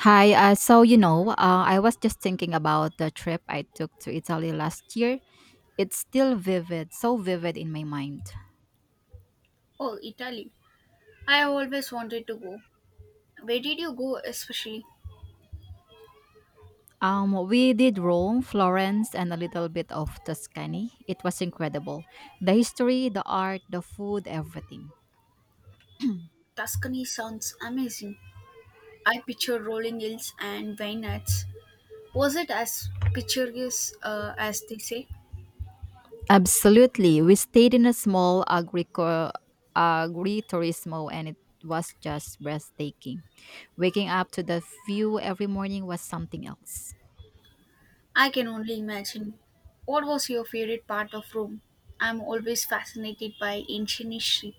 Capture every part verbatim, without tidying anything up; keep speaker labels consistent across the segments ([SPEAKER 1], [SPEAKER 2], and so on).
[SPEAKER 1] Hi, uh, so you know, uh, I was just thinking about the trip I took to Italy last year. It's still vivid, so vivid in my mind.
[SPEAKER 2] Oh, Italy. I have always wanted to go. Where did you go, especially?
[SPEAKER 1] Um, we did Rome, Florence, and a little bit of Tuscany. It was incredible. The history, the art, the food, everything.
[SPEAKER 2] Tuscany sounds amazing. I picture rolling hills and vineyards. Was it as picturesque uh, as they say?
[SPEAKER 1] Absolutely. We stayed in a small agrico- agriturismo and it was just breathtaking. Waking up to the view every morning was something else.
[SPEAKER 2] I can only imagine. What was your favorite part of Rome? I'm always fascinated by ancient history.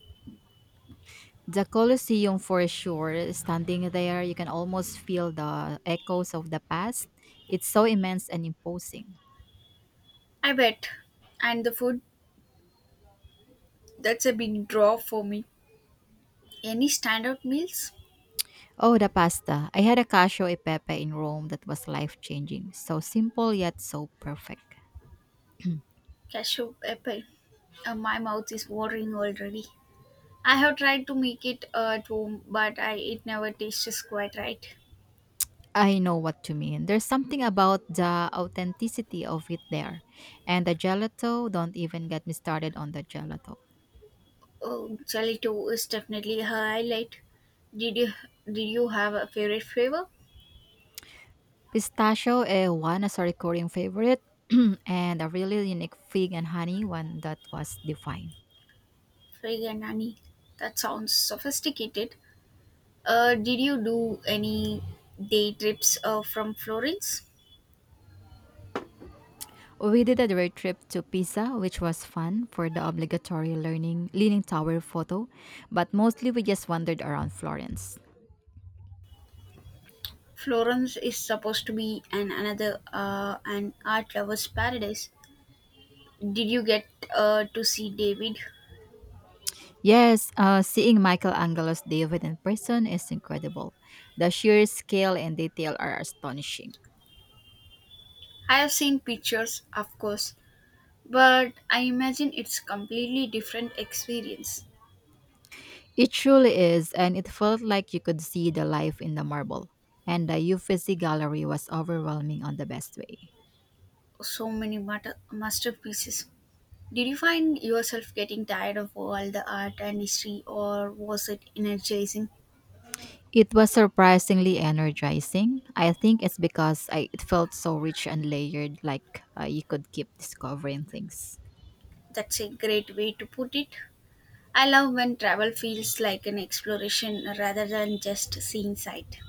[SPEAKER 1] The Colosseum for sure. Standing there, you can almost feel the echoes of the past. It's so immense and imposing.
[SPEAKER 2] I bet. And the food, that's a big draw for me. Any standout meals?
[SPEAKER 1] Oh, the pasta. I had a cacio e pepe in Rome that was life changing. So simple yet so perfect.
[SPEAKER 2] Cashew apple. Uh, my mouth is watering already. I have tried to make it uh, at home, but I it never tastes quite right.
[SPEAKER 1] I know what you mean. There's something about the authenticity of it there. And the gelato, don't even get me started on the gelato.
[SPEAKER 2] Oh, gelato is definitely a highlight. Did you did you have a favorite flavor?
[SPEAKER 1] Pistachio eh, one as a recurring favorite, and a really unique fig and honey one that was defined.
[SPEAKER 2] Friganani. That sounds sophisticated. Uh, did you do any day trips uh, from Florence?
[SPEAKER 1] We did a road trip to Pisa, which was fun for the obligatory learning leaning tower photo, but mostly we just wandered around Florence.
[SPEAKER 2] Florence is supposed to be an another uh, an art lover's paradise. Did you get uh, to see David?
[SPEAKER 1] Yes, uh, seeing Michelangelo's David in person is incredible. The sheer scale and detail are astonishing.
[SPEAKER 2] I have seen pictures, of course, but I imagine it's completely different experience.
[SPEAKER 1] It truly is, and it felt like you could see the life in the marble. And the Uffizi Gallery was overwhelming on the best way.
[SPEAKER 2] So many mater- masterpieces. Did you find yourself getting tired of all the art and history, or was it energizing?
[SPEAKER 1] It was surprisingly energizing. I think it's because I, it felt so rich and layered, like uh, you could keep discovering things.
[SPEAKER 2] That's a great way to put it. I love when travel feels like an exploration rather than just seeing sight.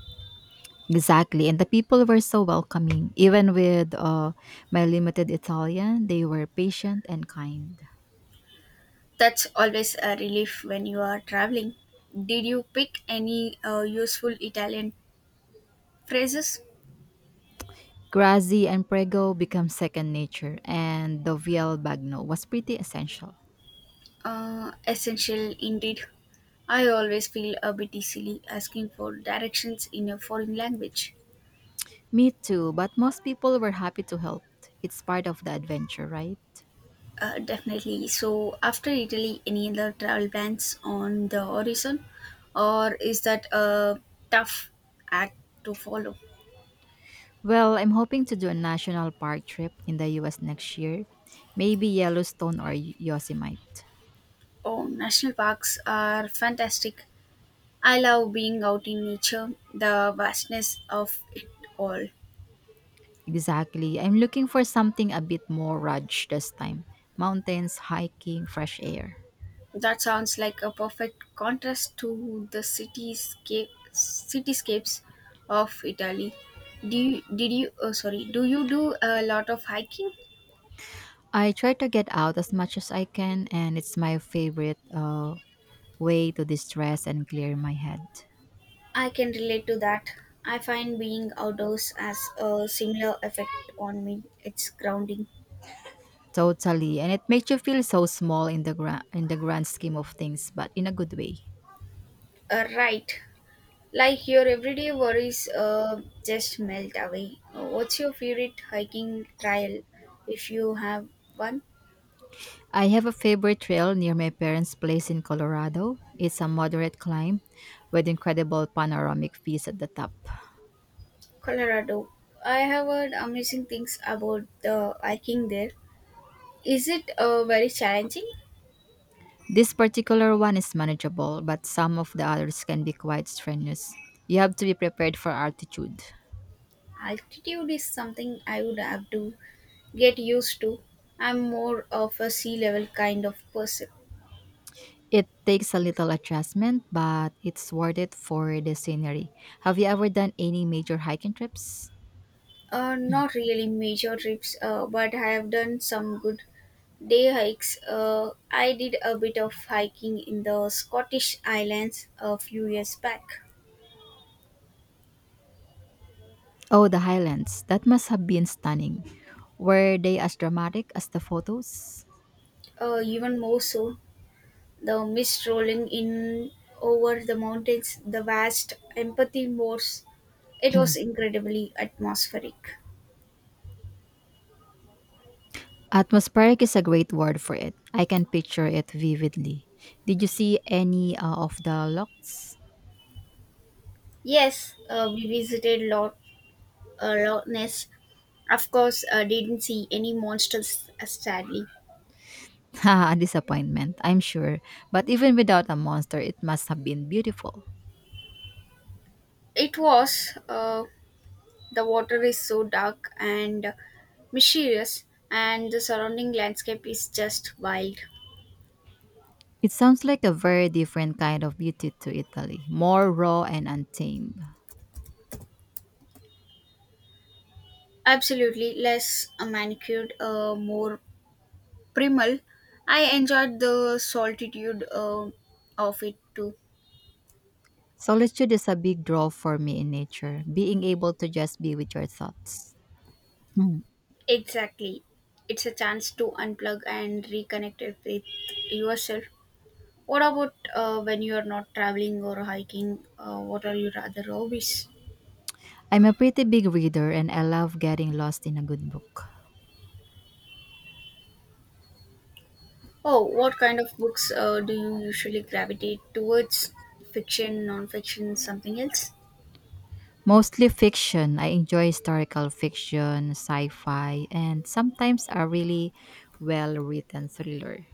[SPEAKER 1] Exactly, and the people were so welcoming. Even with uh, my limited Italian, they were patient and kind.
[SPEAKER 2] That's always a relief when you are traveling. Did you pick any uh, useful Italian phrases?
[SPEAKER 1] Grazi and Prego become second nature, and the Viel Bagno was pretty essential.
[SPEAKER 2] Uh, essential indeed. I always feel a bit silly asking for directions in a foreign language.
[SPEAKER 1] Me too, but most people were happy to help. It's part of the adventure, right?
[SPEAKER 2] Uh, definitely. So, after Italy, any other travel plans on the horizon, or is that a tough act to follow?
[SPEAKER 1] Well, I'm hoping to do a national park trip in the U S next year, maybe Yellowstone or Y- Yosemite.
[SPEAKER 2] Oh, national parks are fantastic. I love being out in nature, the vastness of it all.
[SPEAKER 1] Exactly. I'm looking for something a bit more rugged this time mountains, hiking, fresh air.
[SPEAKER 2] That sounds like a perfect contrast to the cityscape, cityscapes of Italy. Do you, did you? Oh, sorry. Do you do a lot of hiking?
[SPEAKER 1] I try to get out as much as I can, and it's my favorite uh, way to distress and clear my head.
[SPEAKER 2] I can relate to that. I find being outdoors has a similar effect on me. It's grounding.
[SPEAKER 1] Totally, and it makes you feel so small in the gra- in the grand scheme of things, but in a good way.
[SPEAKER 2] Uh, right. Like your everyday worries uh, just melt away. Uh, What's your favorite hiking trail if you have one?
[SPEAKER 1] I have a favorite trail near my parents' place in Colorado. It's a moderate climb with incredible panoramic views at the top.
[SPEAKER 2] Colorado. I have heard amazing things about the hiking there. Is it uh, very challenging?
[SPEAKER 1] This particular one is manageable, but some of the others can be quite strenuous. You have to be prepared for altitude.
[SPEAKER 2] Altitude is something I would have to get used to. I'm more of a sea level kind of person.
[SPEAKER 1] It takes a little adjustment, but it's worth it for the scenery. Have you ever done any major hiking trips?
[SPEAKER 2] Uh, not really major trips, uh, but I have done some good day hikes. Uh, I did a bit of hiking in the Scottish Islands a few years back.
[SPEAKER 1] Oh, the highlands. That must have been stunning. Were they as dramatic as the photos?
[SPEAKER 2] Uh, even more so, the mist rolling in over the mountains, the vast empathy moors. It was incredibly atmospheric.
[SPEAKER 1] Atmospheric is a great word for it. I can picture it vividly. Did you see any uh, of the locks?
[SPEAKER 2] Yes, uh, we visited Lot, uh, Loch Ness. Of course, uh, didn't see any monsters, uh, sadly.
[SPEAKER 1] Ha, disappointment, I'm sure. But even without a monster, it must have been beautiful.
[SPEAKER 2] It was uh, the water is so dark and mysterious, and the surrounding landscape is just wild.
[SPEAKER 1] It sounds like a very different kind of beauty to Italy, more raw and untamed.
[SPEAKER 2] Absolutely less manicured, uh, more primal. I enjoyed the solitude uh, of it too.
[SPEAKER 1] Solitude is a big draw for me in nature, being able to just be with your thoughts. Hmm.
[SPEAKER 2] Exactly. It's a chance to unplug and reconnect it with yourself. What about uh, when you are not traveling or hiking? Uh, what are your other hobbies?
[SPEAKER 1] I'm a pretty big reader and I love getting lost in a good book.
[SPEAKER 2] Oh, what kind of books uh, do you usually gravitate towards? Fiction, non-fiction, something else?
[SPEAKER 1] Mostly fiction. I enjoy historical fiction, sci fi, and sometimes a really well written thriller.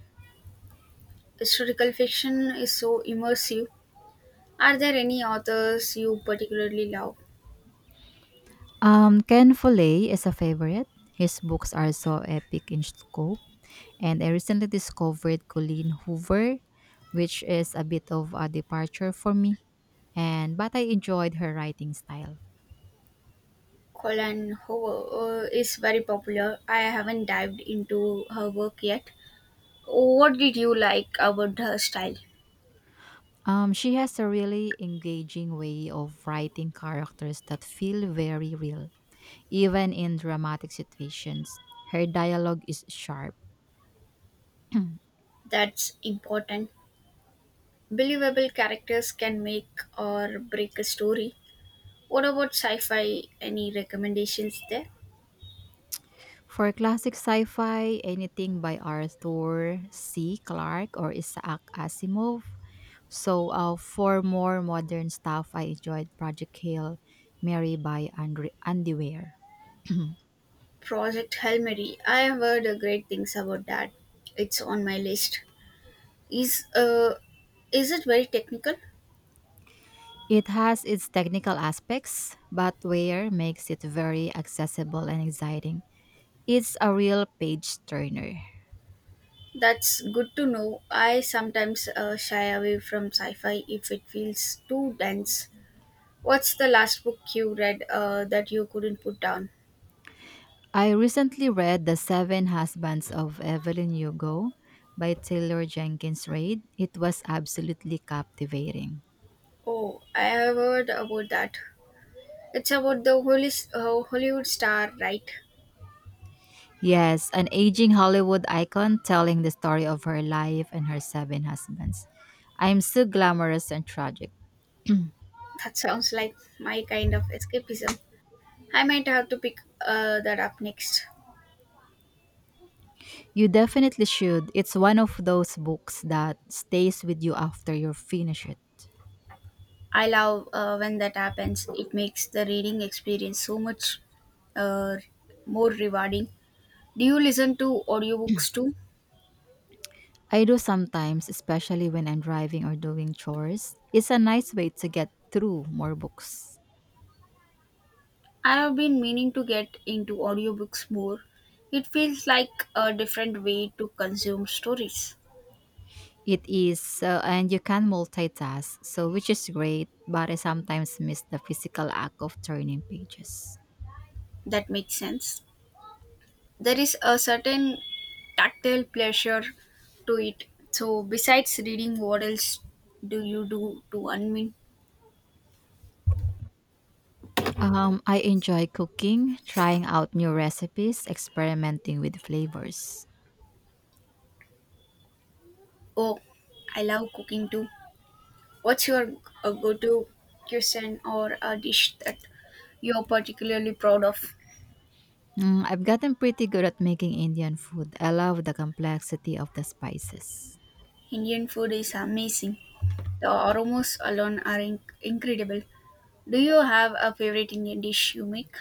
[SPEAKER 2] Historical fiction is so immersive. Are there any authors you particularly love?
[SPEAKER 1] Um, Ken Follett is a favorite. His books are so epic in scope. And I recently discovered Colleen Hoover, which is a bit of a departure for me. And but I enjoyed her writing style.
[SPEAKER 2] Colin Hoover uh, is very popular. I haven't dived into her work yet. What did you like about her style?
[SPEAKER 1] Um, she has a really engaging way of writing characters that feel very real. Even in dramatic situations, her dialogue is sharp.
[SPEAKER 2] That's important. Believable characters can make or break a story. What about sci fi? Any recommendations there?
[SPEAKER 1] For classic sci-fi, anything by Arthur C. Clarke or Isaac Asimov. So, uh, for more modern stuff, I enjoyed Project Hail Mary by Andre- Andy Weir.
[SPEAKER 2] Project Hail Mary. I have heard uh, great things about that. It's on my list. Is uh, is it very technical?
[SPEAKER 1] It has its technical aspects, but Weir makes it very accessible and exciting. It's a real page turner.
[SPEAKER 2] That's good to know. I sometimes uh, shy away from sci fi if it feels too dense. What's the last book you read uh, that you couldn't put down?
[SPEAKER 1] I recently read The Seven Husbands of Evelyn Hugo by Taylor Jenkins Reid. It was absolutely captivating.
[SPEAKER 2] Oh, I have heard about that. It's about the Holy, uh, Hollywood star, right?
[SPEAKER 1] Yes, an aging Hollywood icon telling the story of her life and her seven husbands. I'm so glamorous and tragic.
[SPEAKER 2] That sounds like my kind of escapism. I might have to pick uh, that up next.
[SPEAKER 1] You definitely should. It's one of those books that stays with you after you finish it.
[SPEAKER 2] I love uh, when that happens. It makes the reading experience so much uh, more rewarding. Do you listen to audiobooks too?
[SPEAKER 1] I do sometimes, especially when I'm driving or doing chores. It's a nice way to get through more books.
[SPEAKER 2] I have been meaning to get into audiobooks more. It feels like a different way to consume stories.
[SPEAKER 1] It is, so and you can multitask, so which is great, but I sometimes miss the physical act of turning pages.
[SPEAKER 2] That makes sense. There is a certain tactile pleasure to it. So, besides reading, what else do you do to unwind?
[SPEAKER 1] Um, I enjoy cooking, trying out new recipes, experimenting with flavors.
[SPEAKER 2] Oh, I love cooking too. What's your uh, go to cuisine or a dish that you're particularly proud of?
[SPEAKER 1] Mm, I've gotten pretty good at making Indian food. I love the complexity of the spices.
[SPEAKER 2] Indian food is amazing. The aromos alone are inc- incredible. Do you have a favorite Indian dish you make?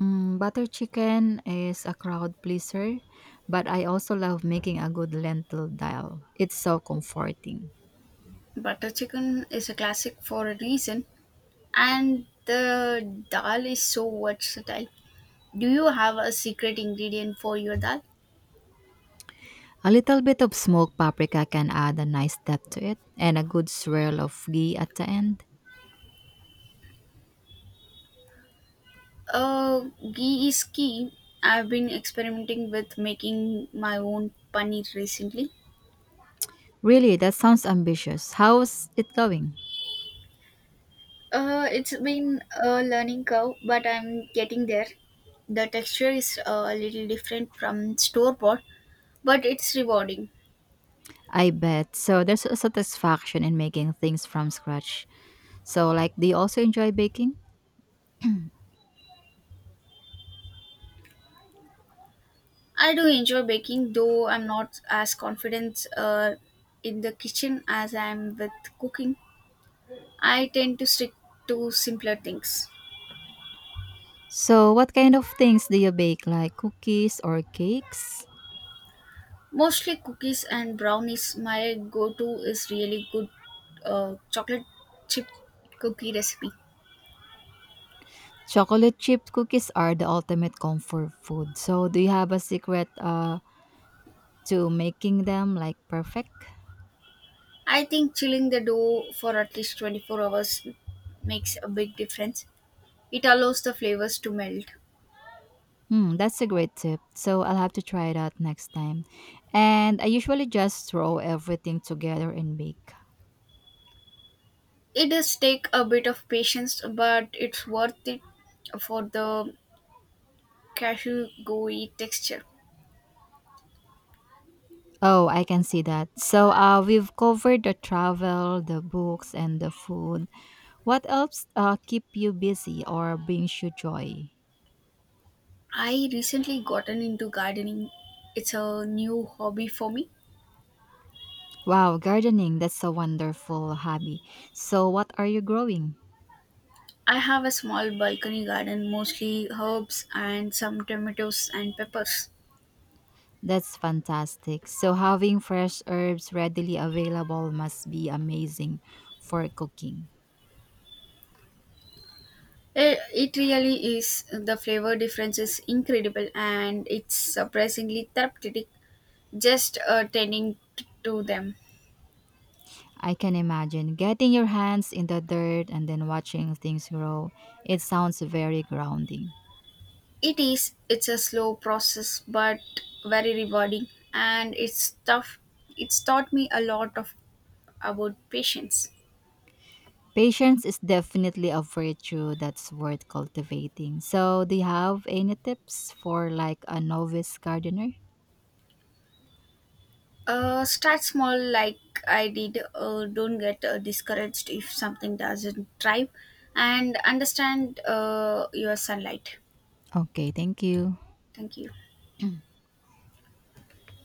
[SPEAKER 1] Mm, butter chicken is a crowd pleaser, but I also love making a good lentil dal. It's so comforting.
[SPEAKER 2] Butter chicken is a classic for a reason, and the dal is so versatile. Do you have a secret ingredient for your dal?
[SPEAKER 1] A little bit of smoked paprika can add a nice depth to it, and a good swirl of ghee at the end.
[SPEAKER 2] Uh, Ghee is key. I've been experimenting with making my own paneer recently.
[SPEAKER 1] Really, that sounds ambitious. How's it going?
[SPEAKER 2] Uh, it's been a learning curve, but I'm getting there. The texture is uh, a little different from store bought, but it's rewarding.
[SPEAKER 1] I bet. So, there's a satisfaction in making things from scratch. So, like, do you also enjoy baking?
[SPEAKER 2] I do enjoy baking, though I'm not as confident uh, in the kitchen as I am with cooking. I tend to stick to simpler things.
[SPEAKER 1] So, what kind of things do you bake, like cookies or cakes?
[SPEAKER 2] Mostly cookies and brownies. My go to is really good uh, chocolate chip cookie recipe.
[SPEAKER 1] Chocolate chip cookies are the ultimate comfort food. So, do you have a secret uh, to making them like perfect?
[SPEAKER 2] I think chilling the dough for at least twenty-four hours makes a big difference. It allows the flavors to melt.
[SPEAKER 1] Hmm, that's a great tip. So I'll have to try it out next time. And I usually just throw everything together and bake.
[SPEAKER 2] It does take a bit of patience, but it's worth it for the cashew gooey texture.
[SPEAKER 1] Oh, I can see that. So uh, we've covered the travel, the books, and the food. What else uh, keep you busy or brings you joy?
[SPEAKER 2] I recently gotten into gardening. It's a new hobby for me.
[SPEAKER 1] Wow, gardening, that's a wonderful hobby. So what are you growing?
[SPEAKER 2] I have a small balcony garden, mostly herbs and some tomatoes and peppers.
[SPEAKER 1] That's fantastic. So having fresh herbs readily available must be amazing for cooking.
[SPEAKER 2] It, it really is, the flavor difference is incredible and it's surprisingly therapeutic just uh, tending t- to them.
[SPEAKER 1] I can imagine getting your hands in the dirt and then watching things grow. It sounds very grounding.
[SPEAKER 2] It is, it's a slow process but very rewarding and it's tough. It's taught me a lot of about patience.
[SPEAKER 1] Patience is definitely a virtue that's worth cultivating. So, do you have any tips for like a novice gardener?
[SPEAKER 2] Uh, start small, like I did. Uh, don't get uh, discouraged if something doesn't thrive, and understand uh, your sunlight.
[SPEAKER 1] Okay, thank you.
[SPEAKER 2] Thank you.